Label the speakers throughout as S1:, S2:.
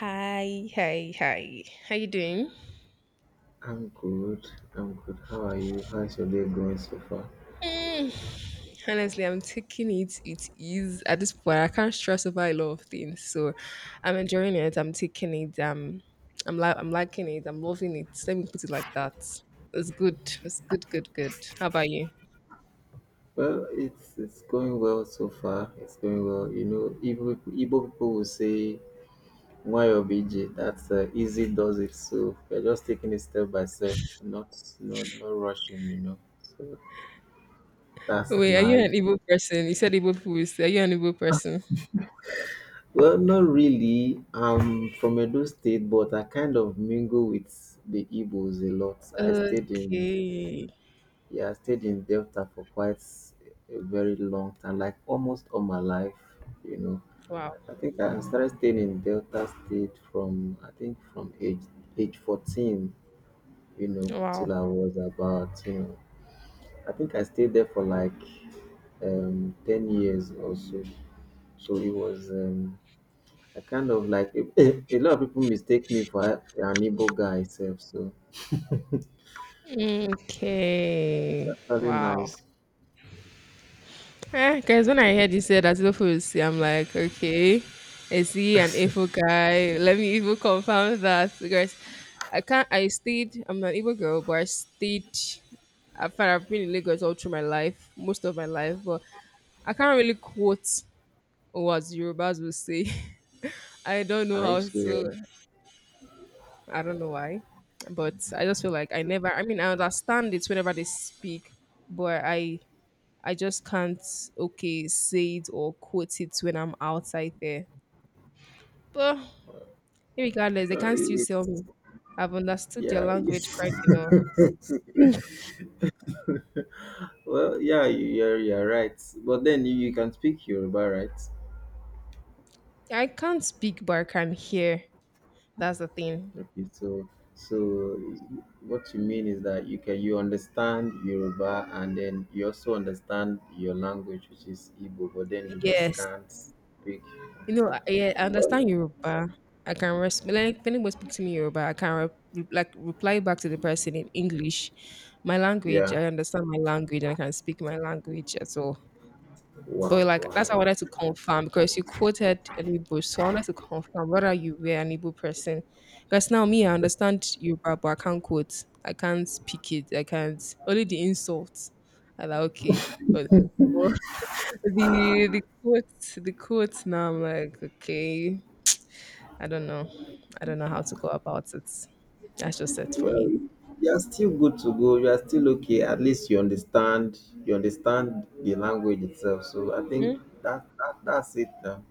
S1: Hi. How you doing?
S2: I'm good. I'm good. How are you? How's your day going so far?
S1: Hmm, Honestly, I'm taking it. It is at this point. I can't stress over a lot of things, so I'm enjoying it. I'm taking it. I'm liking it. I'm loving it. Let me put it like that. It's good. It's good. Good. How about you?
S2: Well, it's going well so far. It's going well. You know, Igbo people will say YOBG. That's easy does it. So we're just taking it step by step, not rushing. You know, so that's
S1: Wait, are you
S2: life.
S1: an Igbo person? You said Igbo people. Are you an Igbo person?
S2: Well, not really. I'm from Edo State, but I kind of mingle with the Igbos a lot. I stayed in,
S1: Okay.
S2: yeah, I stayed in Delta for quite a very long time, like almost all my life, you know.
S1: Wow.
S2: I think I started staying in Delta State from, I think, from age 14, you know,
S1: Wow.
S2: till I was about, you know, I think I stayed there for like 10 years or so. So it was I kind of like a lot of people mistake me for an Igbo guy itself, so it's
S1: Okay.
S2: actually
S1: Wow.
S2: nice.
S1: Eh, guys, when I heard you said Asilofu is C, I'm like, okay, is he an Igbo guy? Let me even confirm that because I can't. I stayed. I'm an Igbo girl, but I stayed. I've been in Lagos all through my life, most of my life, but I can't really quote what Yorubas will say. I don't know
S2: Are you
S1: how
S2: serious?
S1: to. I don't know why, but I just feel like I never. I mean, I understand it whenever they speak, but I just can't okay say it or quote it when I'm outside there. But regardless, they
S2: Uh,
S1: can still
S2: it,
S1: sell me. I've understood your
S2: Yeah.
S1: language
S2: Yes.
S1: quite enough.
S2: Well, yeah, you're right. But then you can speak Yoruba, right?
S1: I can't speak, but I can hear. That's the thing.
S2: Okay. So what you mean is that you understand Yoruba, and then you also understand your language, which is Igbo, but then you just
S1: Yes,
S2: can't speak. Okay.
S1: yeah, I understand Yoruba. I can respond. Like, if anyone speaks to me in Yoruba, like reply back to the person in English. My language,
S2: Yeah.
S1: I understand my language, and I can speak my language at all. But
S2: Wow.
S1: like
S2: Wow.
S1: that's why I
S2: Wow.
S1: wanted to confirm because you quoted an Igbo, so I wanted to confirm whether you were an Igbo person. Because now me, I understand Yoruba, but I can't quote. I can't speak it. I can't only the insults. I like okay, but the quotes, the quotes. Now I'm like okay, I don't know. I don't know how to go about it. That's just it for
S2: Well,
S1: me.
S2: you are still good to go. You are still okay. At least you understand. You understand the language itself. So I think
S1: Mhm.
S2: that's it now.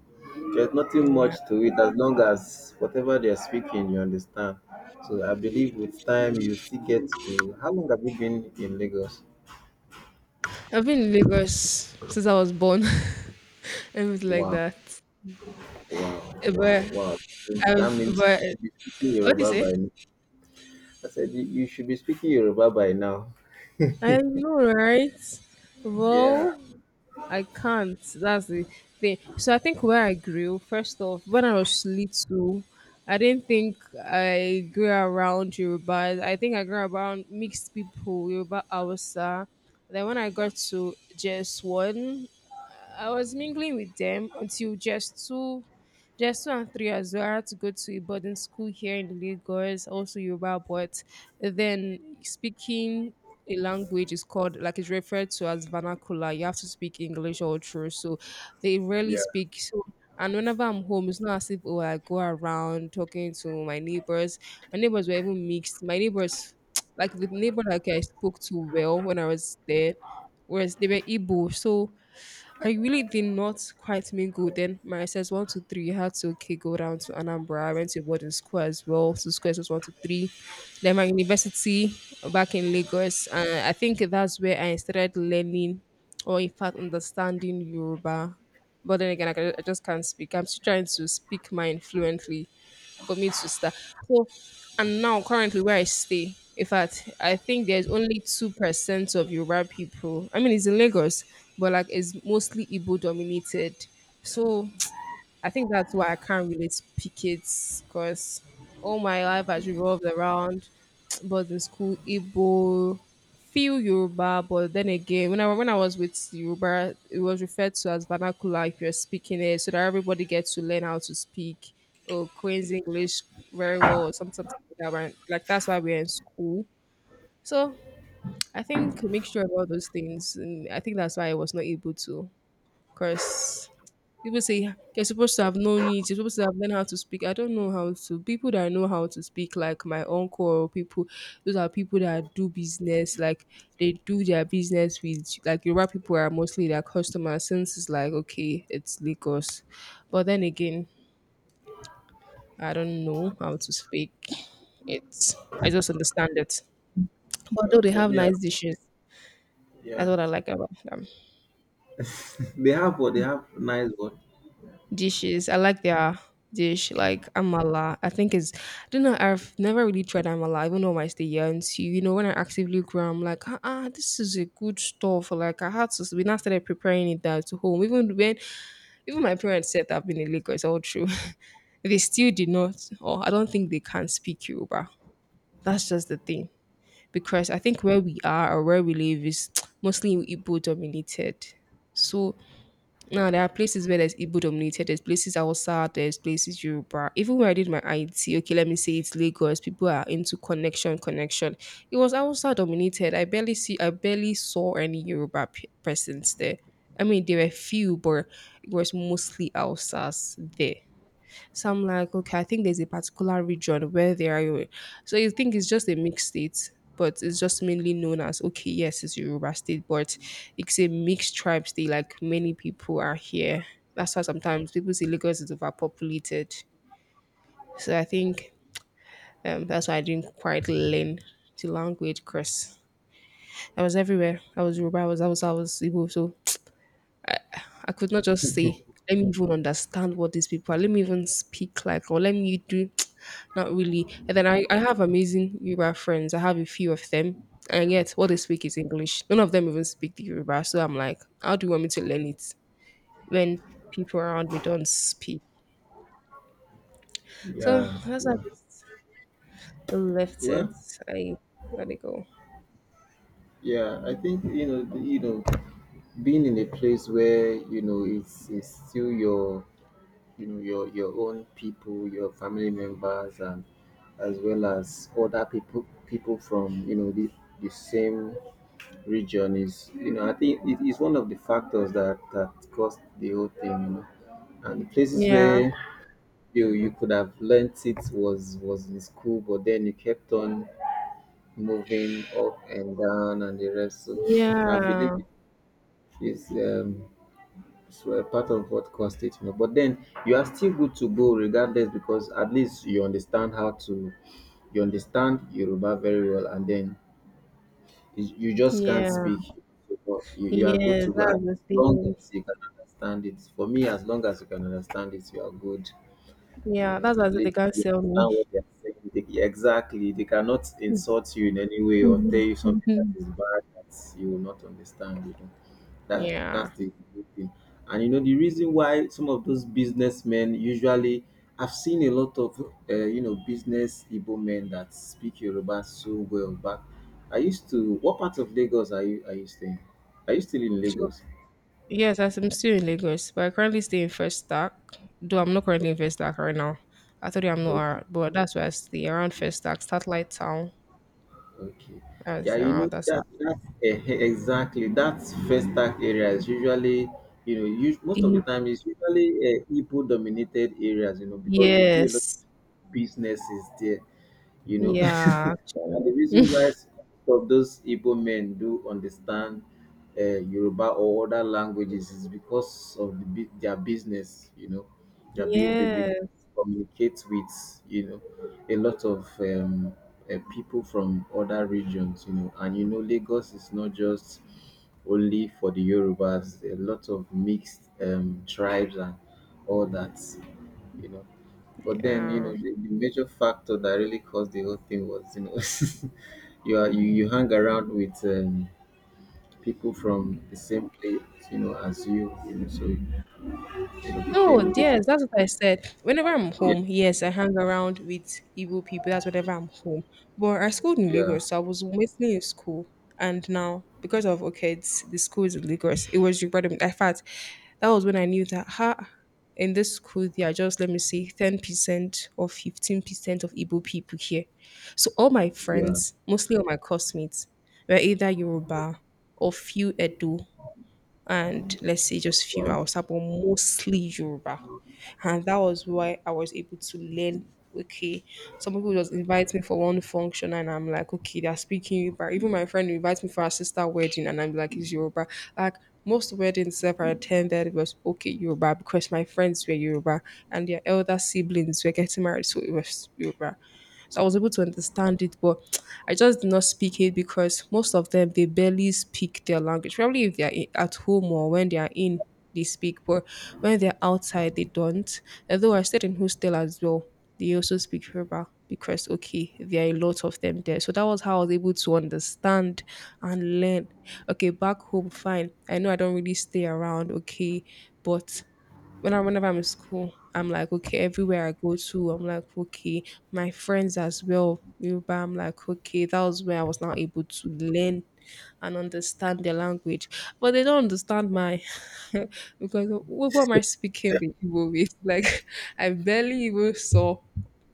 S2: There's nothing much
S1: Yeah,
S2: to it as long as whatever they're speaking, you understand. So I believe with time you still get to. How long have you been in Lagos?
S1: I've been in Lagos since I was born. Everything like
S2: Wow,
S1: that.
S2: wow,
S1: But
S2: wow, wow. It's- That
S1: I've
S2: means
S1: but
S2: you should be speaking
S1: what do you
S2: Yoruba
S1: say?
S2: by now. I said you should be speaking Yoruba by now.
S1: I know, right?
S2: Yeah,
S1: Well, I can't. That's the thing. So I think where I grew, first off, when I was little, I didn't think I grew around Yoruba. I think I grew around mixed people, Yoruba, Awasa. Then when I got to JS1, I was mingling with them until just two and three as well. I had to go to a boarding school here in Lagos, also Yoruba, but then speaking a language is called like it's referred to as vernacular. You have to speak English all through, so they rarely
S2: yeah.
S1: speak. So and whenever I'm home, it's not as if oh I go around talking to my neighbors. My neighbors were even mixed. My neighbors, like the neighbor like I spoke to well when I was there, whereas they were Igbo. So I really did not quite mingle then. My SS one to three had to okay go down to Anambra. I went to boarding school as well. So squares was one to three. Then my university back in Lagos. And I think that's where I started learning or in fact understanding Yoruba. But then again, I just can't speak. I'm still trying to speak mine fluently for me to start. So, and now currently where I stay, in fact, I think there's only 2% of Yoruba people. I mean, it's in Lagos, but like it's mostly Igbo dominated. So I think that's why I can't really speak it because all my life has revolved around both in school, Igbo, few Yoruba, but then again, when I was with Yoruba, it was referred to as vernacular if you're speaking it, so that everybody gets to learn how to speak or Queen's English very well or something like that, right? Like that's why we're in school. So I think a mixture of all those things, and I think that's why I was not able to, because people say, "Yeah, you're supposed to have known it, you're supposed to have learned how to speak." I don't know how to. People that know how to speak, like my uncle or people, those are people that do business, like they do their business with like Yoruba people are mostly their customers since it's like okay, it's Lagos. But then again, I don't know how to speak it. I just understand it. But though
S2: Well,
S1: they
S2: for
S1: have
S2: me, I-
S1: nice dishes,
S2: yeah.
S1: that's what I like about them.
S2: They have what? They have nice what?
S1: Dishes. I like their dish, like amala. I think is I don't know. I've never really tried amala, even though I stay here. And so, you know, when I actively grow, I'm like, ah, ah, this is a good stuff. Like I had to. We now started preparing it down to home. Even when, even my parents said I've been in Lagos, all true. They still did not, or I don't think they can speak Yoruba. That's just the thing. Because I think where we are or where we live is mostly Igbo dominated. So now there are places where there's Igbo dominated, there's places Hausa, there's places Yoruba. Even when I did my IT, okay, let me say it's Lagos. People are into connection, connection. It was Hausa dominated. I barely saw any Yoruba presence there. I mean, there were few, but it was mostly Hausas there. So I'm like, okay, I think there's a particular region where they are. Yoruba. So you think it's just a mixed state, but it's just mainly known as okay, yes, it's Yoruba state, but it's a mixed tribe state. Like many people are here. That's why sometimes people say Lagos is overpopulated. So I think that's why I didn't quite learn the language because I was everywhere. I was Yoruba, I was Igbo, so I could not just say, let me even understand what these people are. Let me even speak like, or let me do, not really. And then I have amazing Yoruba friends. I have a few of them. And yet, what they speak is English. None of them even speak the Yoruba. So I'm like, how do you want me to learn it when people around me don't speak? So
S2: Yeah,
S1: that's why I
S2: yeah.
S1: just left it.
S2: Well,
S1: I let it go.
S2: yeah. I think being in a place where, you know, it's still your, you know, your own people, your family members and as well as other people, people from, you know, the same region, is, you know, I think it is one of the factors that caused the whole thing, you know. And places
S1: Yeah.
S2: where you could have learnt it was in school, but then you kept on moving up and down and the rest, so I believe
S1: Yeah.
S2: it's um, it's were part of what caused it, you know. But then you are still good to go regardless, because at least you understand how to, you understand Yoruba very well, and then you just can't
S1: Yeah.
S2: speak. But you are good
S1: Yeah.
S2: to go as
S1: That's the
S2: long
S1: thing.
S2: as you can understand it. For me, as long as you can understand it, you are good. You
S1: Yeah.
S2: know,
S1: That's
S2: at
S1: what they
S2: least
S1: can't
S2: you
S1: sell
S2: understand what they are saying. They- exactly, they cannot
S1: me.
S2: insult you in any way or tell you something that is bad that you will not understand. You know. That that's
S1: Yeah.
S2: the good thing. And you know the reason why some of those businessmen usually I've seen a lot of you know, business Igbo men that speak Yoruba so well. But I used to. What part of Lagos are you staying? Are you still in
S1: So
S2: Lagos?
S1: yes, as I'm still in Lagos, but I currently stay in First Stack. Though I'm not currently in First Stack right now. I told you I'm not,
S2: Okay,
S1: ar- But that's where I stay around First Stack, Satellite Town,
S2: okay. Yeah,
S1: as
S2: you know
S1: around that
S2: that
S1: side.
S2: exactly, that first act area is usually, you know, most of the
S1: E-
S2: time is usually Igbo dominated areas. You know, because they do a lot
S1: Yes.
S2: of businesses there. You know.
S1: Yeah. Actually.
S2: And the reason why some of those Igbo men do understand Yoruba or other languages is because of the, their business, you know, their business, they get
S1: Yes.
S2: to communicate with, you know, a lot of people from other regions, you know. And you know, Lagos is not just only for the Yorubas, a lot of mixed tribes and all that, you know. But then, you know,
S1: Yeah.
S2: the major factor that really caused the whole thing was, you know, you are you hang around with people from the same place, you know, as you, you know, so you know
S1: No,
S2: became difficult.
S1: yes, that's what I said. Whenever I'm
S2: Yeah,
S1: home, yes, I hang around with Igbo people. That's whenever I'm home. But I schooled in
S2: yeah,
S1: Lagos, so I was mostly in school. And now, because of okay, it's, the school is in Lagos, it was regarding. In fact, that was when I knew that ha, in this school they are just let me see, 10% or 15% of Igbo people here. So all my
S2: yeah.
S1: friends, mostly all my classmates, were either Yoruba or few Edo and let's say just few
S2: Wow.
S1: hours, but mostly Yoruba. And that was why I was able to learn. Okay, some people just invite me for one function, and I'm like, okay, they're speaking Yoruba. Even my friend invites me for her sister wedding, and I'm like, it's Yoruba. Like most weddings that I attended it was okay Yoruba because my friends were Yoruba and their elder siblings were getting married, so it was Yoruba. So I was able to understand it, but I just did not speak it because most of them they barely speak their language. Probably if they are at home or when they are in, they speak, but when they're outside, they don't. Although I stayed in hostel as well, they also speak Yoruba because okay, there are a lot of them there. So that was how I was able to understand and learn. Okay, back home, fine. I know I don't really stay around, okay, but whenever I'm in school, I'm like, okay, everywhere I go to, I'm like, okay, my friends as well. Yoruba, I'm like, okay, that was where I was not able to learn and understand their language. But they don't understand my because what am I speaking the Igbo with? Like I barely even saw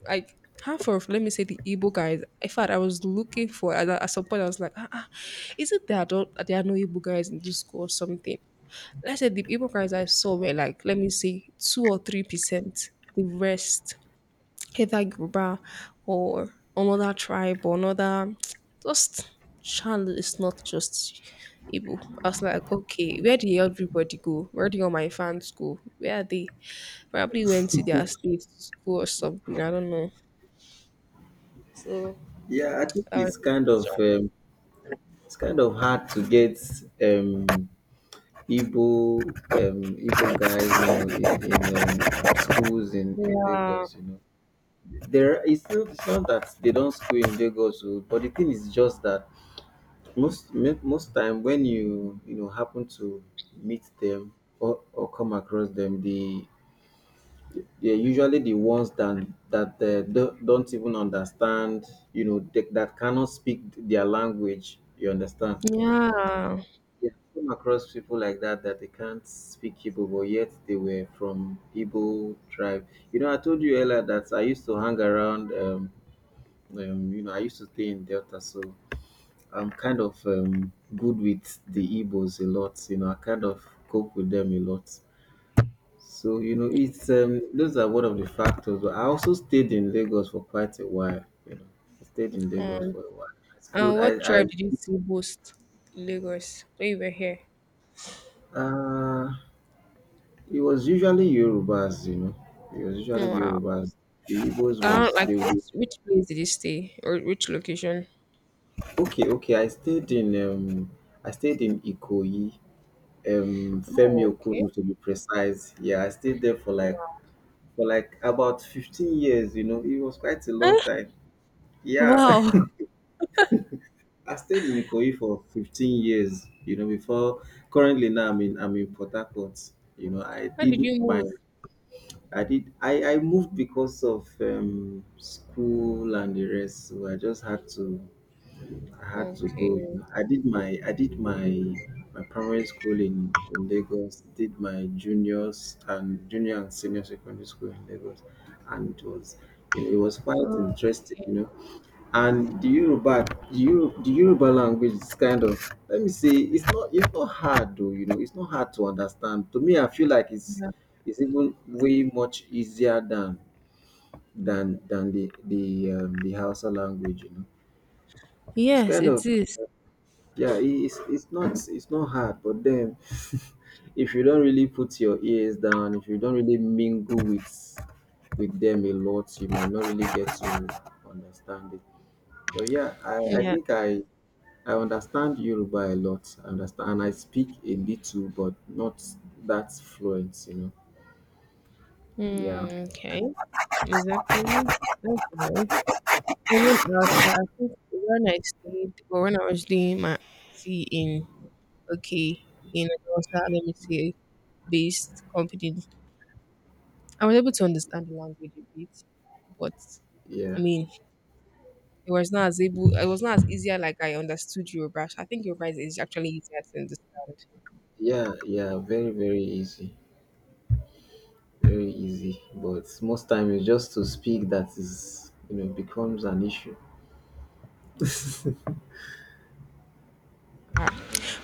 S1: like half of let me say the Igbo guys. In fact, I was looking for at some point I was like, ah, ah, is it there don't there are no Igbo guys in this school or something? Let's say the people crimes I saw were like, let me say, 2 or 3%. The rest, either Yoruba or another tribe or another, just Shan is not just Igbo. I was like, okay, where did everybody go? Where did all my fans go? Where are they? Probably went to their state to school or something. I don't know. So
S2: Yeah, I think
S1: I was just shocked.
S2: it's kind of hard to get um Igbo Igbo guys, you know, in schools in
S1: Yeah,
S2: Lagos, you know, there is still, it's not that they don't school in Lagos, oh, but the thing is just that most time when you know, happen to meet them or come across them, they, they're usually the ones that don't even understand, you know, that cannot speak their language. You understand?
S1: yeah.
S2: Yeah, come across people like that that they can't speak Igbo, but yet they were from Igbo tribe. You know, I told you earlier that I used to hang around. You know, I used to stay in Delta, so I'm kind of good with the Igbos a lot. You know, I kind of cope with them a lot. So you know, it's those are one of the factors. But I also stayed in Lagos for quite a while. You know, I stayed in Lagos
S1: Hmm.
S2: for a while. I schooled.
S1: And what
S2: I
S1: tribe did you see most? Lagos, when you were here.
S2: uh, it was usually Yorubas. You know, it was
S1: Oh,
S2: usually
S1: wow.
S2: Yorubas. The Igbos
S1: Uh,
S2: was
S1: like
S2: they.
S1: which
S2: Were-
S1: place did you stay or which location?
S2: Okay, okay. I stayed in Ikoyi. Femi
S1: Oh, okay.
S2: Okunu, to be precise. Yeah, I stayed there for like,
S1: Wow.
S2: for like, about 15 years, you know. It was quite a long
S1: Eh,
S2: time. Yeah.
S1: wow.
S2: I stayed in Ikoyi for 15 years, you know, before currently now I'm in Port Harcourt. You know,
S1: Where did you move?
S2: I did I moved because of school and the rest. So I just had to, I had to go. You
S1: Okay.
S2: know, I did my primary school in Lagos. Did my junior and senior secondary school in Lagos, and it was, you know, it was quite
S1: Oh,
S2: interesting. You know, and the Yoruba language is kind of, let me say, it's not hard though. You know, it's not hard to understand. To me, I feel like
S1: yeah.
S2: it's even way much easier than the the Hausa language. You know, it's
S1: Yes,
S2: kind
S1: it
S2: of,
S1: is.
S2: yeah, it's not hard, but then if you don't really put your ears down, if you don't really mingle with them a lot, you might not really get to understand it. But yeah, I
S1: Yeah.
S2: think I understand Yoruba a lot. I understand and I speak a little, but not that fluent, you know. Yeah.
S1: Mm, okay. Exactly. That's nice. Even else, I think when I stayed or when I was doing my C in okay in Agosta, let me say based company, I was able to understand the language a bit, but I
S2: Yeah.
S1: mean it was not as able. It was not as easier like I understood Yoruba. I think Yoruba is actually easier to understand.
S2: Yeah, yeah, very, very easy. Very easy. But most time it's just to speak that is, you know, becomes an issue.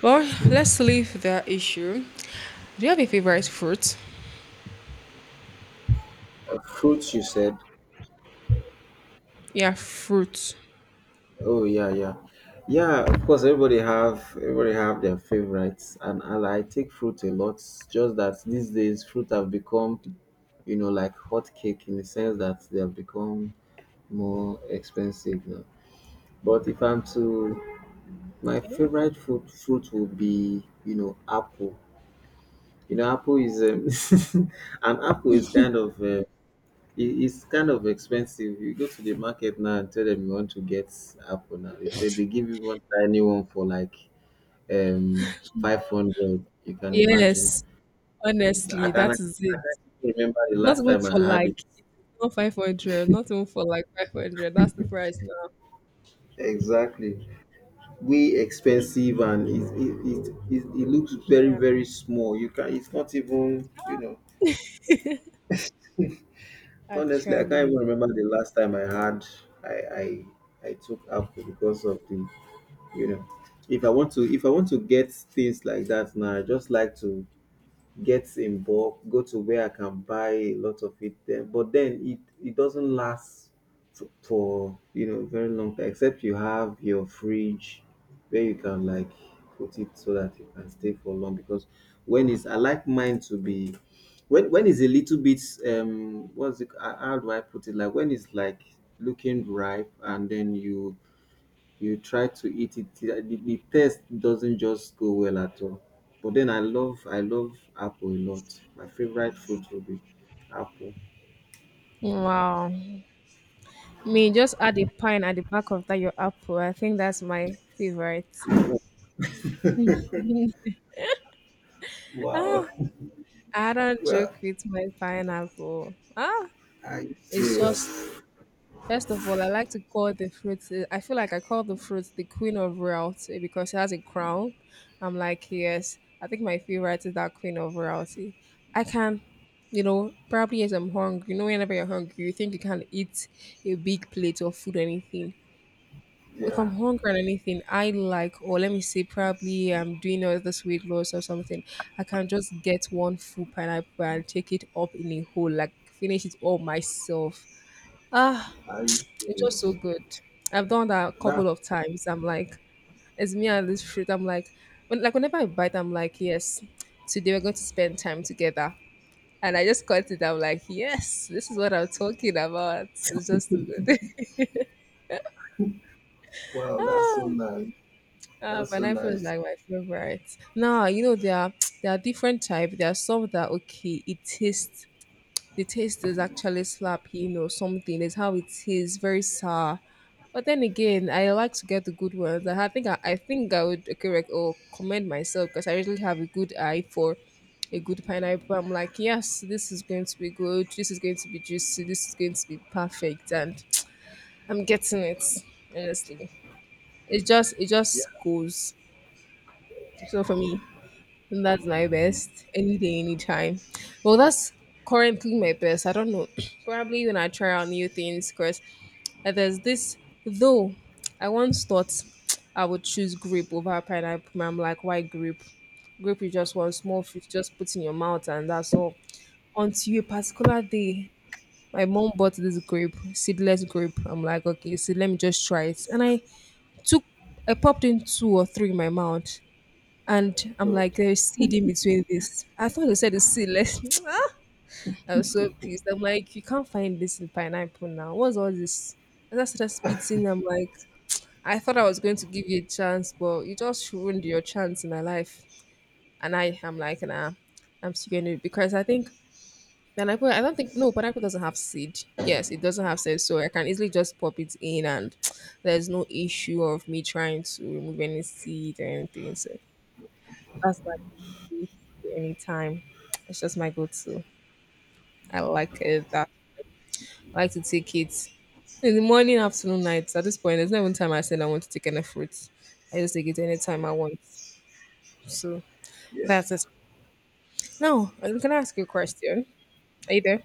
S1: Well, let's leave that issue. Do you have a favorite fruit?
S2: Fruits, you said?
S1: Yeah, fruit.
S2: Oh yeah, yeah, yeah. Of course, everybody have their favorites, and I take fruit a lot. Just that these days, fruit have become, you know, like hot cake, in the sense that they have become more expensive now. But if I'm to, my favorite fruit will be, you know, apple. You know, apple is an apple is kind of it is kind of expensive. You go to the market now and tell them you want to get apple now. They give you one tiny one for like um 500. You can imagine.
S1: Yes,
S2: So
S1: honestly,
S2: I
S1: that is it.
S2: can't even remember the
S1: Not
S2: last
S1: even
S2: time I
S1: for
S2: had it.
S1: like not 500. Not even for like 500. That's the price now.
S2: Exactly. Way expensive, and it looks very,
S1: Yeah,
S2: very small. You can, it's not even, you know, honestly, I can't
S1: actually.
S2: even remember the last time I had, I I took apple because of the, you know, if I want to get things like that now, I just like to get in bulk, go to where I can buy a lot of it there. But then it doesn't last for, you know, very long time, except you have your fridge where you can like put it so that it can stay for long. Because when it's, I like mine to be when it's a little bit, what's it how do I put it? Like when it's like looking ripe and then you try to eat it, the taste doesn't just go well at all. But then I love apple a lot. My favorite fruit will be apple.
S1: Wow. Me, just add a pine at the back of that your apple. I think that's my favorite.
S2: Wow.
S1: Ah, I don't
S2: Well,
S1: joke with my pineapple. Ah,
S2: are you
S1: it's just
S2: serious?
S1: First of all, I like to call the fruit. I feel like I call the fruit the queen of royalty because she has a crown. I'm like, yes, I think my favorite is that queen of royalty. I can, probably as I'm hungry. Whenever you're hungry, you think you can eat a big plate of food or anything. If I'm
S2: Yeah,
S1: hungry or anything, I like, or let me say, probably I'm doing all this weight loss or something. I can just get one full pineapple and take it up in a whole, like finish it all myself. Ah,
S2: are you
S1: it's just so
S2: serious?
S1: good. I've done that a
S2: That
S1: couple of times. I'm like, it's me and this fruit. I'm like, like whenever I bite, I'm like, yes, today we're going to spend time together. And I just cut it. I'm like, yes, this is what I'm talking about. It's just too good.
S2: wow, that's so
S1: ah,
S2: nice. That's so
S1: Pineapple is
S2: nice.
S1: like my favorite. Now there are there are different type. There are some that okay, it tastes the taste is actually slapping or something. It's how it is, very sour. But then again, I like to get the good ones. And I think I would correct or commend myself because I really have a good eye for a good pineapple. I'm like, yes, this is going to be good. This is going to be juicy. This is going to be perfect, and I'm getting it. Honestly, it just it
S2: Yeah,
S1: just goes. So for me. And that's my best any day, anytime. Well, that's currently my best. I don't know. Probably when I try out new things, because there's this, though, I once thought I would choose grape over pineapple. And I'm like, why grape? Grape is just one small fruit, just put in your mouth, and that's all. Until a particular day, my mom bought this grape, seedless grape. I'm like, okay, so let me just try it. And took, I popped in two or three in my mouth. And I'm like, there's seed in between this. I thought they said it's seedless. Ah, I was so pissed. I'm like, you can't find this in pineapple now. What's all this? And I started spitting. I'm like, I thought I was going to give you a chance, but you just ruined your chance in my life. And I am like, nah, I'm still going to because I think pineapple, I don't think, no, pineapple doesn't have seed. Yes, it doesn't have seed. So I can easily just pop it in and there's no issue of me trying to remove any seed or anything. So that's why. It anytime. It's just my go-to. I like it. I like to take it in the morning, afternoon, night. At this point, there's no even time I said I want to take any fruits. I just take it anytime I want. So
S2: yeah,
S1: that's it. Now, I'm gonna ask you a question. Are you there?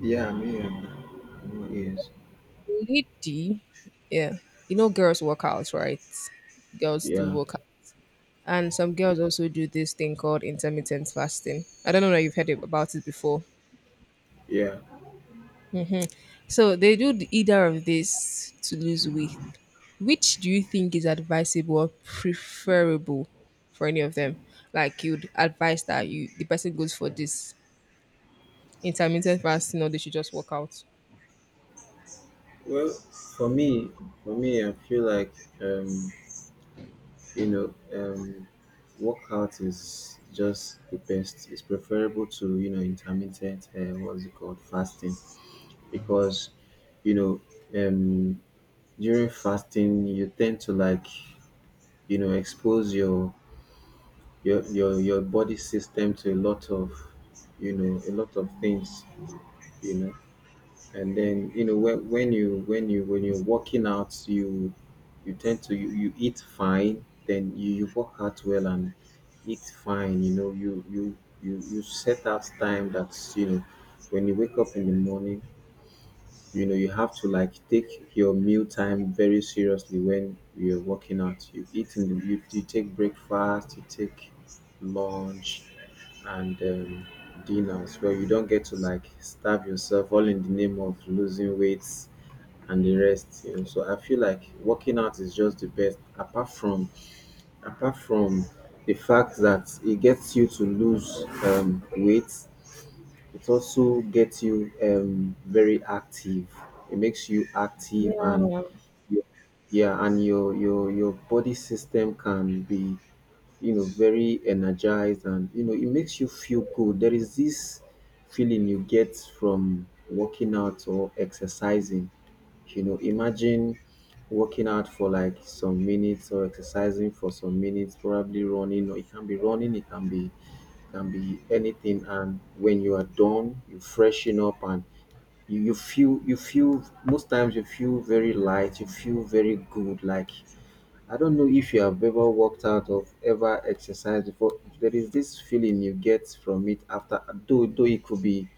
S2: yeah, me and yes,
S1: Lady, yeah. You know, girls work out, right? Girls do
S2: yeah,
S1: work out. And some girls also do this thing called intermittent fasting. I don't know if you've heard about it before.
S2: yeah.
S1: So they do either of these to lose weight. Which do you think is advisable or preferable for any of them? Like you'd advise that you the person goes for this intermittent fasting or they should just work out.
S2: Well, for me, I feel like um you know, workout is just the best. It's preferable to, you know, intermittent. What's it called? Fasting, because you know um, during fasting you tend to like expose your body system to a lot of a lot of things. You know, and then you know when you when you when you're working out you you tend to you, you eat fine, then you work out well and eat fine. You know, you set out time. That's, you know, when you wake up in the morning, you know, you have to like take your meal time very seriously. When you're working out you eat in the you take breakfast, you take lunch and dinners, where you don't get to like starve yourself all in the name of losing weight and the rest, you know. So I feel like working out is just the best. Apart from the fact that it gets you to lose weight, it also gets you very active. It makes you active. And
S1: Yeah,
S2: you, yeah, and your body system can be, you know, very energized and, you know, it makes you feel good. There is this feeling you get from working out or exercising. You know, imagine working out for like some minutes or exercising for some minutes, probably running, or it can be running, it can be anything. And when you are done, you freshen up and you feel most times. You feel very light, you feel very good, like, I don't know if you have ever worked out of ever exercised before. There is this feeling you get from it after, though though it could be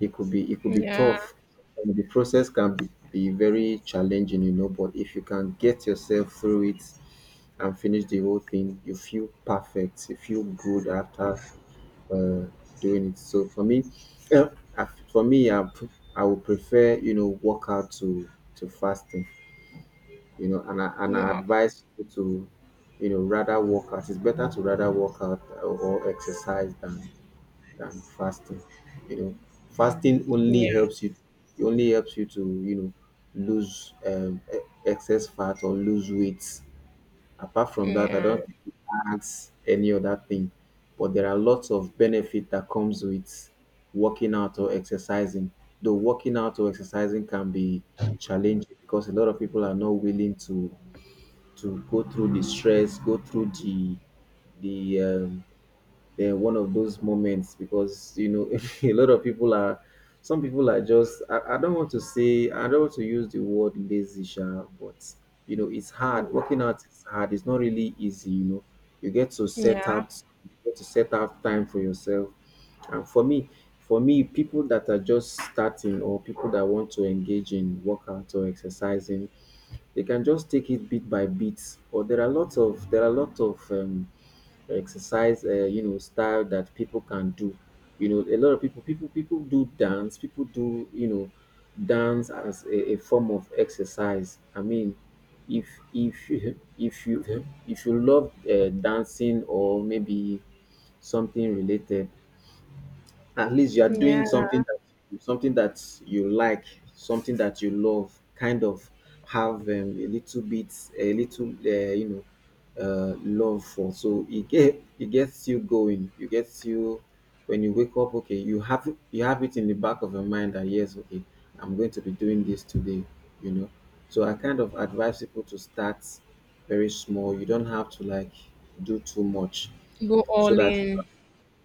S2: it could be it could be
S1: yeah,
S2: tough. And the process can be, very challenging, you know. But if you can get yourself through it and finish the whole thing, you feel perfect. You feel good after uh, doing it. So for me, uh, I- for me, I, I would prefer, you know, workout to fasting, you know. And I advise people to, you know, rather work out. It's better to rather work out or, exercise than fasting. You know, fasting only
S1: yeah,
S2: helps you. It only helps you to, you know, lose excess fat or lose weight. Apart from that, I
S1: yeah,
S2: don't think it adds any other thing. But there are lots of benefit that comes with working out or exercising. Though working out or exercising can be challenging, because a lot of people are not willing to go through the stress, go through the the um, the one of those moments. Because, you know, a lot of people are some people are just, I don't want to say, I don't want to use the word lazy sha, but you know, it's hard. Working out is hard, it's not really easy, you know. You get to set
S1: yeah,
S2: out, you get to set out time for yourself. And for me, people that are just starting or people that want to engage in workout or exercising, they can just take it bit by bit. Or there are lots of, exercise, you know, style that people can do. You know, a lot of people people do dance. People do, you know, dance as a, form of exercise. I mean, if you- if you if you love dancing, or maybe something related, at least you are doing
S1: yeah.
S2: something that, something that you like, something that you love. Kind of have a little bit, a little, you know, love for. So it gets you going. You gets you when you wake up. Okay, you have, you have it in the back of your mind that yes, okay, I'm going to be doing this today. You know, so I kind of advise people to start very small. You don't have to like do too much,
S1: Go
S2: so
S1: all
S2: that,
S1: in.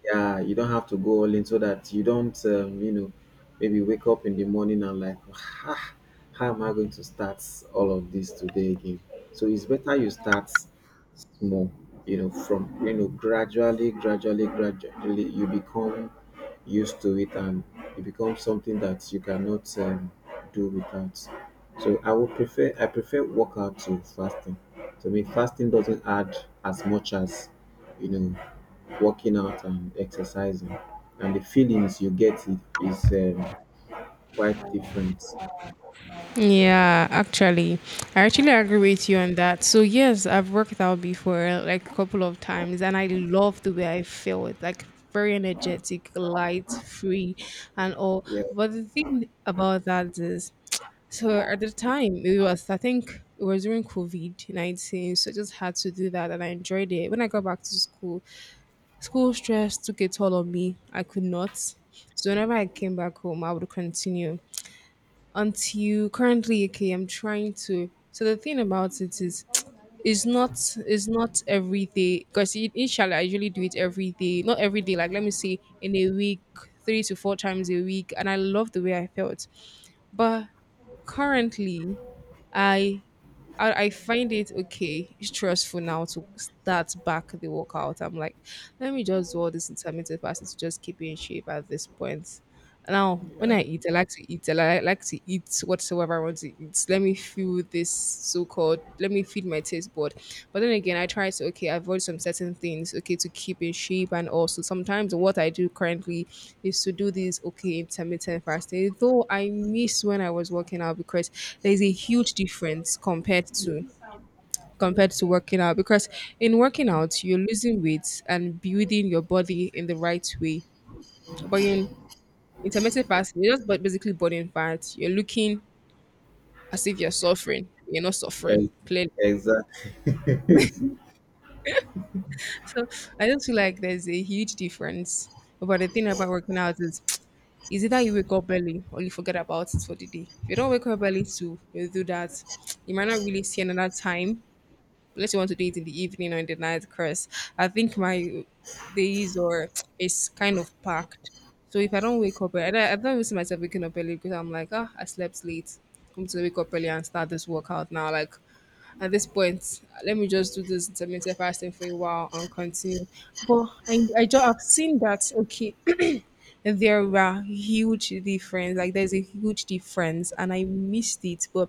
S2: yeah, you don't have to go all in, so that you don't you know, maybe wake up in the morning and like, ah, how am I going to start all of this today again. So it's better you start small, you know, from, you know, gradually, gradually, gradually you become used to it and it becomes something that you cannot do without. So I would prefer, I prefer workout to fasting. To me, fasting doesn't add as much as, you know, working out and exercising, and the feelings you get, it is um, quite different.
S1: Yeah, actually, I actually agree with you on that. So yes, I've worked out before like a couple of times, and I love the way I feel. It's like very energetic, light, free, and all.
S2: Yeah,
S1: But the thing about that is, so at the time it was, I think it was during COVID-19, so I just had to do that, and I enjoyed it. When I got back to school, school stress took a toll on me. I could not. So whenever I came back home, I would continue until currently. Okay, I'm trying to. So the thing about it is it's not it's not every day, because inshallah I usually do it every day, not every day, like let me say in a week, three to four times a week, and I love the way I felt. But currently, I I find it okay stressful now to start back the workout. I'm like, let me just do all this intermittent fasting to just keep in shape at this point. Now, when
S2: yeah,
S1: I eat, I like to eat. I like to eat whatsoever I want to eat. Let me feel this so-called let me feed my taste bud. But then again, I try to okay avoid some certain things okay to keep in shape, and also sometimes what I do currently is to do this okay intermittent fasting. Though I miss when I was working out because there is a huge difference compared to working out because in working out you're losing weight and building your body in the right way. But in intermittent fasting, you're just basically burning fat. You're looking as if you're suffering. You're not suffering
S2: ex-
S1: clearly.
S2: exact.
S1: So I just feel like there's a huge difference. But the thing about working out is, is either you wake up early or you forget about it for the day. If you don't wake up early to you do that, you might not really see another time unless you want to do it in the evening or in the night. Because I think my days or is kind of packed. So if I don't wake up, I don't even see myself waking up early because I'm like, ah, I slept late. I'm to wake up early and start this workout now. Like at this point, let me just do this intermittent fasting for a while and continue. But I just have seen that okay, there are huge difference. Like there's a huge difference, and I missed it. But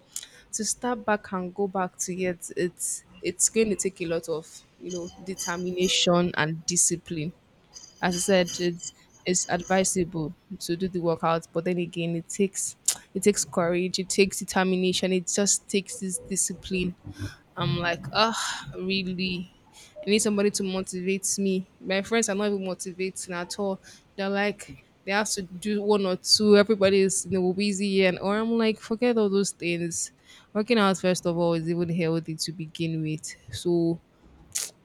S1: to start back and go back to it, it's going to take a lot of determination and discipline. As I said, it's advisable to do the workout, but then again, it takes courage, it takes determination, it just takes this discipline. I'm like, ah, really? I need somebody to motivate me. My friends are not even motivating at all. They're like, they have to do one or two. Everybody is busy, and or I'm like, forget all those things. Working out first of all is even healthy to begin with. So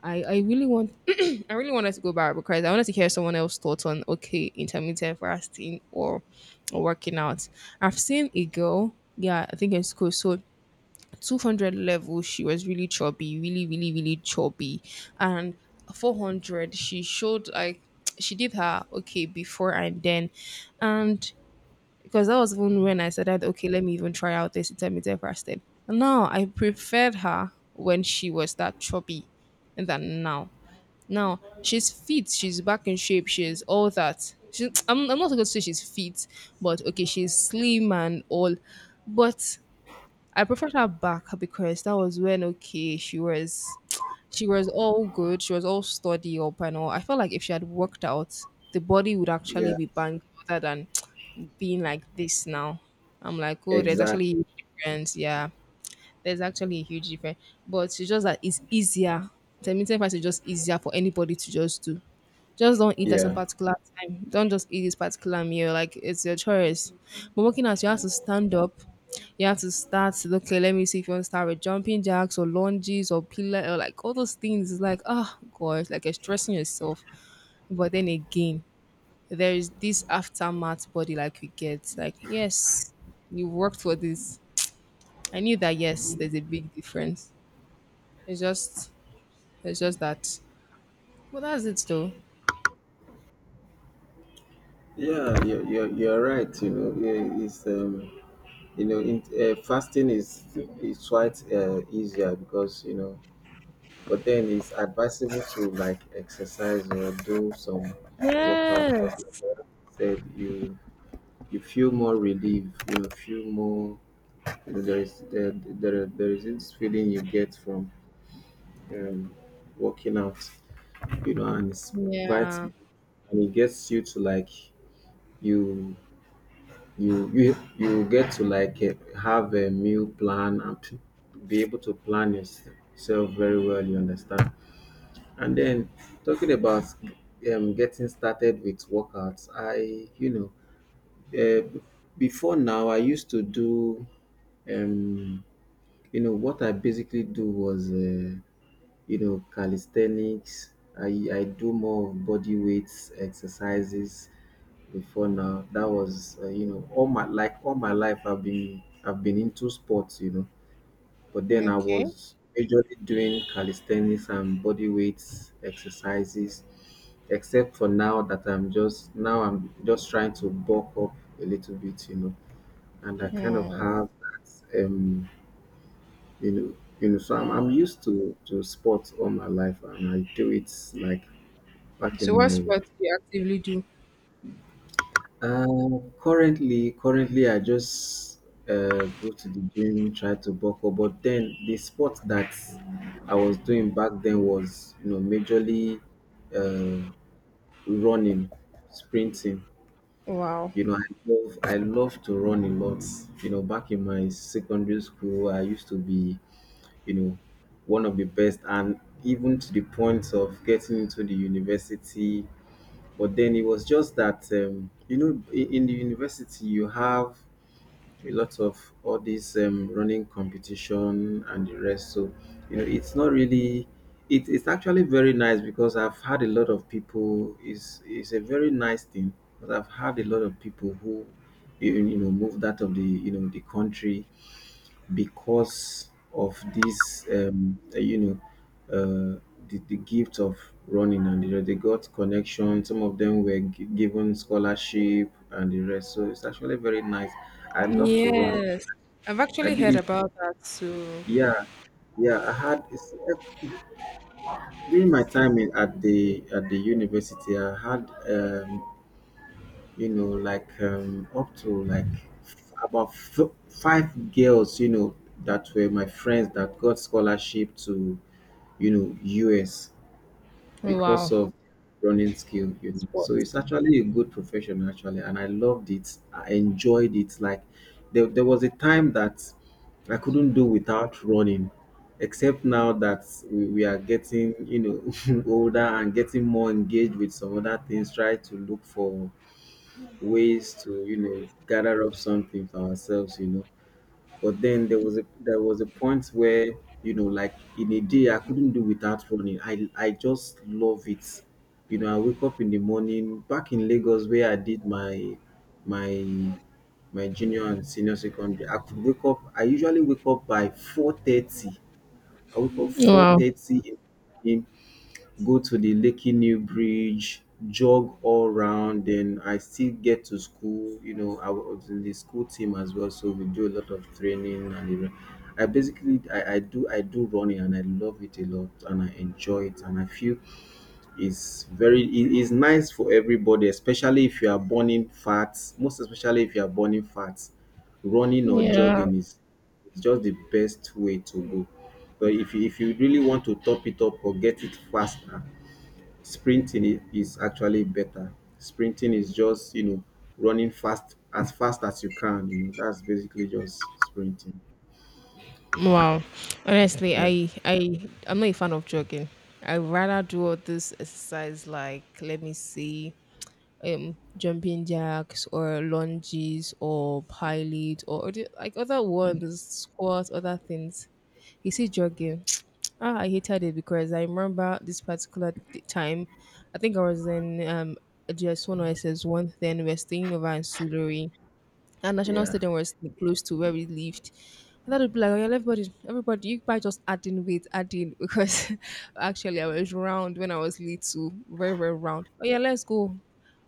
S1: I really want I really wanted to go back because I wanted to hear someone else's thoughts on okay intermittent fasting or working out. I've seen a girl, yeah, I think it's cool. So 200 level, she was really chubby, really really really chubby, and 400, she showed like she did her okay before, and then and because that was even when I said that, okay, let me even try out this intermittent fasting. No, I preferred her when she was that chubby than now. Now she's fit, she's back in shape, she's all that. She, I'm not going to say she's fit, but okay, she's slim and all. But I preferred her back, because that was when, okay, she was all good, she was all sturdy up and all. I felt like if she had worked out, the body would actually
S2: Yeah,
S1: be banged, other than being like this now. I'm like, oh, there's
S2: exact.
S1: actually a difference. Yeah, there's actually a huge difference, but it's just that it's easier. Intermittent fasting is just easier for anybody to just do. Just don't eat at some
S2: Yeah,
S1: particular time. Don't just eat this particular meal. Like, it's your choice. But working out, you have to stand up. You have to start. Okay, let me see if you want to start with jumping jacks or lunges or pillar or like all those things. It's like, oh god, like you're stressing yourself. But then again, there is this aftermath body like you get. Like, yes, you worked for this. I knew that, yes, there's a big difference. It's just it's just that. Well, that's it though.
S2: yeah. You're right. You know, yeah, it's you know, in, fasting is quite easier, because, you know, but then it's advisable to like exercise or do some workout.
S1: Yes.
S2: Said you, feel more relief. You feel more, there is there is this feeling you get from um, working out, you know, and it's quite,
S1: Yeah.
S2: and it gets you to like, you you get to like, have a meal plan and to be able to plan yourself very well, you understand. And then, talking about getting started with workouts, I, you know, uh, b- before now I used to do um you know, what I basically do was, you know, calisthenics. I do more of body weights exercises before now. That was, you know, all my, like all my life, I've been into sports, you know. But then I
S1: Okay.
S2: was majorly doing calisthenics and body weights exercises, except for now that I'm just now I'm just trying to bulk up a little bit, you know, and I kind of
S1: Hmm.
S2: have that you know, so,
S1: Wow.
S2: I'm used to sports all my life, and I do it, like, back
S1: So
S2: in
S1: what
S2: my,
S1: sports do you actively do?
S2: uh currently I just go to the gym, try to buckle. But then the sport that I was doing back then was, you know, majorly uh running, sprinting.
S1: Wow.
S2: You know, I love I love to run a lot. You know, back in my secondary school, I used to be, you know, one of the best, and even to the point of getting into the university. But then it was just that, you know, in the university, you have a lot of all this running competition and the rest. So, you know, it's not really. It's actually very nice, because I've had a lot of people. It's a very nice thing, because I've had a lot of people who, you know, moved out of the, you know, the country, because of this, you know, uh, the, gift of running, and you know, they got connection. Some of them were given scholarship and the rest. So it's actually very nice. I love to run.
S1: Yes. I've
S2: I
S1: actually
S2: did
S1: heard
S2: it.
S1: about that too.
S2: Yeah, yeah. I had it's- during my time in, at the university, I had you know, like up to like five girls, you know, that were my friends that got scholarship to, you know, US, because
S1: Wow.
S2: of running skill. You know, so
S1: Sports.
S2: it's actually a good profession actually, and I loved it. I enjoyed it. Like, there, was a time that I couldn't do without running. Except now that we are getting, you know, older and getting more engaged with some other things, try to look for ways to, you know, gather up something for ourselves, you know. But then there was a, point where, you know, like in a day, I couldn't do without running. I just love it, you know. I wake up in the morning. Back in Lagos, where I did my, my my junior and senior secondary, I could wake up, I usually wake up by 4:30. I wake up four
S1: Wow.
S2: thirty in, go to the Lekki New Bridge, jog all round. Then I still get to school. You know, I was in the school team as well, so we do a lot of training and the, I basically, I do I do running and I love it a lot, and I enjoy it, and I feel it's very, it is nice for everybody, especially if you are burning fat, most especially if you are burning fat. Running or
S1: Yeah.
S2: jogging is, it's just the best way to go. But if you, really want to top it up or get it faster, sprinting is actually better. Sprinting is just, you know, running fast as you can, you know. That's basically just sprinting.
S1: Wow. Honestly,
S2: Yeah.
S1: I'm not a fan of jogging. I rather do all this exercise like let me see jumping jacks or lunges or pie like other ones, squats, other things. You see jogging. Ah, I hated it because I remember this particular time. I think I was in GS1 or SS1, then we were staying over in Suluri. And National
S2: Yeah.
S1: Stadium was close to where we lived. And that would be like, "Oh, yeah, everybody, you guys just adding weight, adding because actually I was round when I was little, very, very round. Oh yeah, let's go."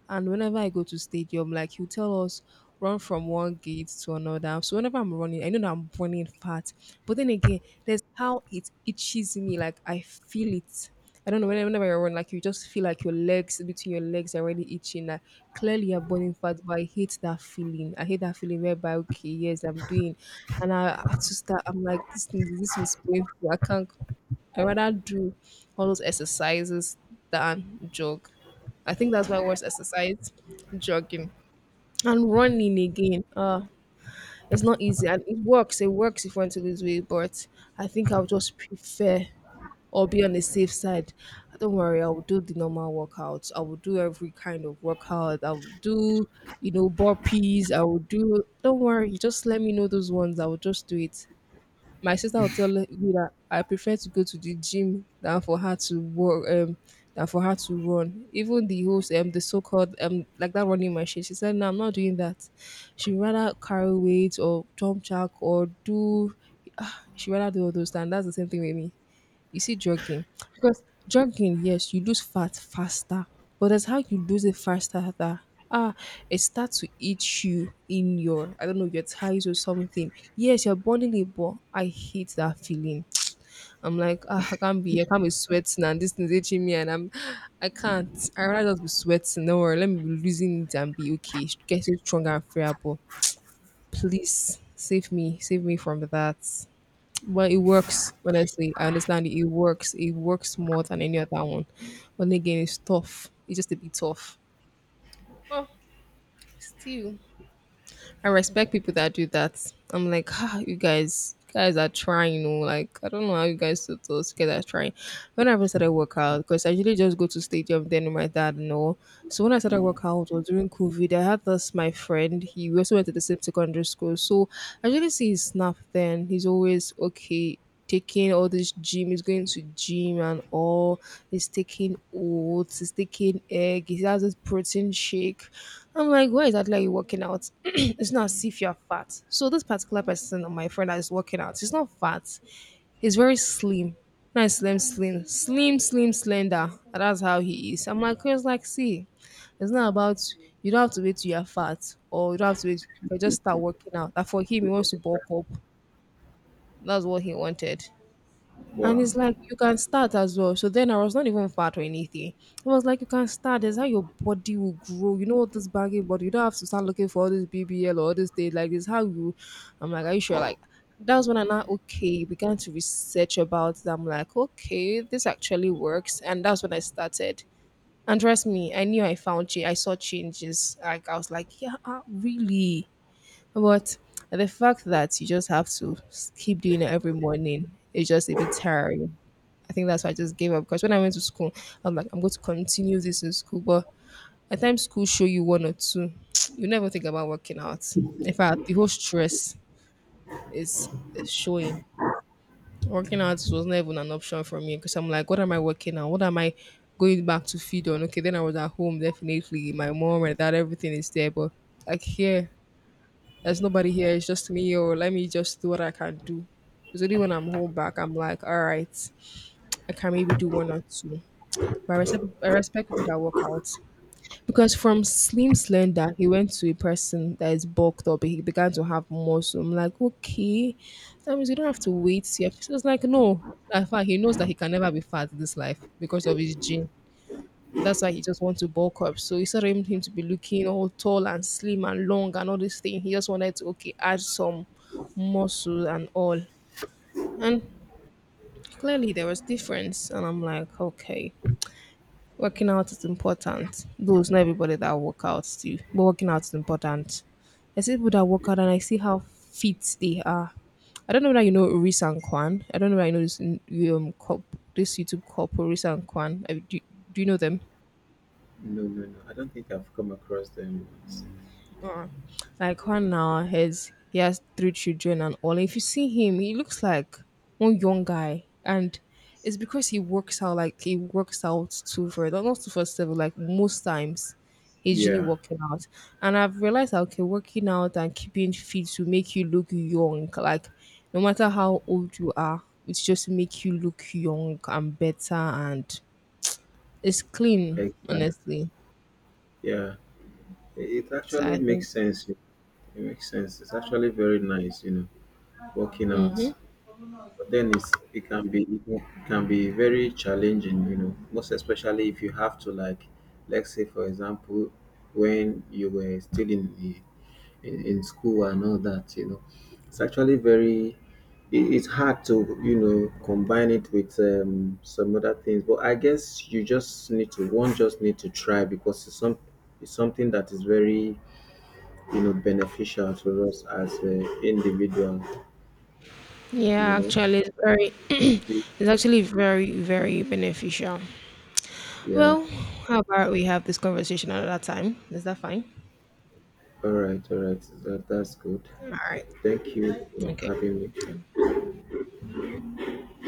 S1: And whenever I go to stadium, like, he'll tell us, run from one gate to another. So whenever I'm running, I know that I'm running fast. But then again, there's how it itches me. Like, I feel it. I don't know. Whenever you run, like you just feel like your legs, between your legs are already itching. Like, clearly you're burning fat, but I hate that feeling. I hate that feeling whereby, okay, yes, I'm doing, and I have to start. I'm like, this thing, this is painful. I can't. I rather do all those exercises than jog. I think that's my worst exercise, jogging and running again. It's not easy, and it works. It works if you want to lose weight, but I think I'll just prefer or be on the safe side. Don't worry, I will do the normal workouts. I will do every kind of workout. I will do, you know, burpees. I will do. Don't worry, just let me know those ones. I will just do it. My sister will tell me that I prefer to go to the gym than for her to work, than for her to run. Even the host, the so-called, like that running machine, she said, "No, I'm not doing that." She rather carry weights or jump jack or do. She rather do all those things. That's the same thing with me. You see, jogging, because jogging, yes, you lose fat faster, but that's how you lose it faster, that ah, it starts to eat you in your, I don't know, your thighs or something. Yes, you're burning it, but I hate that feeling. I'm like, ah, I can't be sweating, and this is itching me, and I can't. I rather just be sweating. No worry, let me be losing it and be okay. Get it stronger and fairer, but please save me from that. But it works. Honestly, I understand it. It works. It works more than any other one. But then again, it's tough. It's just a bit tough. Well, still, I respect people that do that. I'm like, ah, you guys are trying. You know, like, I don't know how you guys do. Those guys trying. When I even started workout, because I usually just go to stadium then with my dad and all. So when I started workout, was during COVID. I had this my friend. He we also went to the same secondary school. So I usually see his snap. Then he's always okay, taking all this gym, he's going to gym and all, he's taking oats, he's taking egg, he has this protein shake. I'm like, why is that like working out? It's not as if you're fat. So this particular person, my friend that is working out, he's not fat. He's very slim. Nice slim, slim, slim, slim, slender. And that's how he is. I'm like, it's like, see, it's not about, you don't have to wait till you're fat, or you don't have to wait. If, just start working out, that for him, he wants to bulk up. That's what he wanted. And
S2: Wow.
S1: it's like, you can start as well. So then I was not even fat or anything. It was like, you can start. That's how your body will grow. You know what, this baggy body. You don't have to start looking for all this BBL or all this thing like this. How you? I'm like, are you sure? Like, that's when I'm not okay. Began to research about it. I'm like, okay, this actually works. And that's when I started. And trust me, I knew I found change. I saw changes. Like, I was like, yeah, ah, really. But the fact that you just have to keep doing it every morning is just a bit tiring. I think that's why I just gave up. Because when I went to school, I'm like, I'm going to continue this in school. But at times, school show you one or two, you never think about working out. In fact, the whole stress is, is showing. Working out was not even an option for me, because I'm like, what am I working on? What am I going back to feed on? Okay, then I was at home, definitely. My mom, and dad, everything is there. But like here, there's nobody here, it's just me, or let me just do what I can do. It's only when I'm home back, I'm like, all right, I can maybe do one or two. But I respect people that work out. Because from slim slender, he went to a person that is bulked up. He began to have muscle. I'm like, okay, that means you don't have to wait. Yeah. So it's like, no. In fact, he knows that he can never be fat in this life because of his gene. That's why he just wants to bulk up. So instead of him to be looking all tall and slim and long and all this thing, he just wanted to, okay, add some muscle and all. And clearly there was difference. And I'm like, okay, working out is important. Though it's not everybody that work out too, but working out is important. I see people that work out, and I see how fit they are. I don't know whether you know Risan Kwan. I don't know whether you know this um, cop, this YouTube couple, Risan Kwan. Do you know them?
S2: No, I don't think I've come across them. Once.
S1: Mm. Like, one now, his he has three children and all. If you see him, he looks like one young guy, and it's because he works out. Like, he works out two for, not two for seven. Like, most times, he's usually
S2: Yeah,
S1: working out. And I've realized that, okay, working out and keeping fit will make you look young. Like, no matter how old you are, it's just make you look young and better, and it's clean.
S2: exactly.
S1: Honestly,
S2: Yeah. It
S1: so
S2: actually
S1: I think.
S2: makes sense. It makes sense. It's actually very nice, you know, working out. But then it's, it can be, it can be very challenging, you know, most especially if you have to like, let's say, for example, when you were still in the, in school and all that, you know. It's actually very, it's hard to, you know, combine it with some other things. But I guess you just need to one, just need to try, because it's some, it's something that is very, you know, beneficial to us as an individual, you
S1: Yeah,
S2: know.
S1: actually, it's very,
S2: See,
S1: it's actually very, very beneficial.
S2: yeah.
S1: Well, how about we have this conversation another time? Is that fine?
S2: All right, all right. That's good.
S1: All right.
S2: Thank you for
S1: Okay.
S2: having me.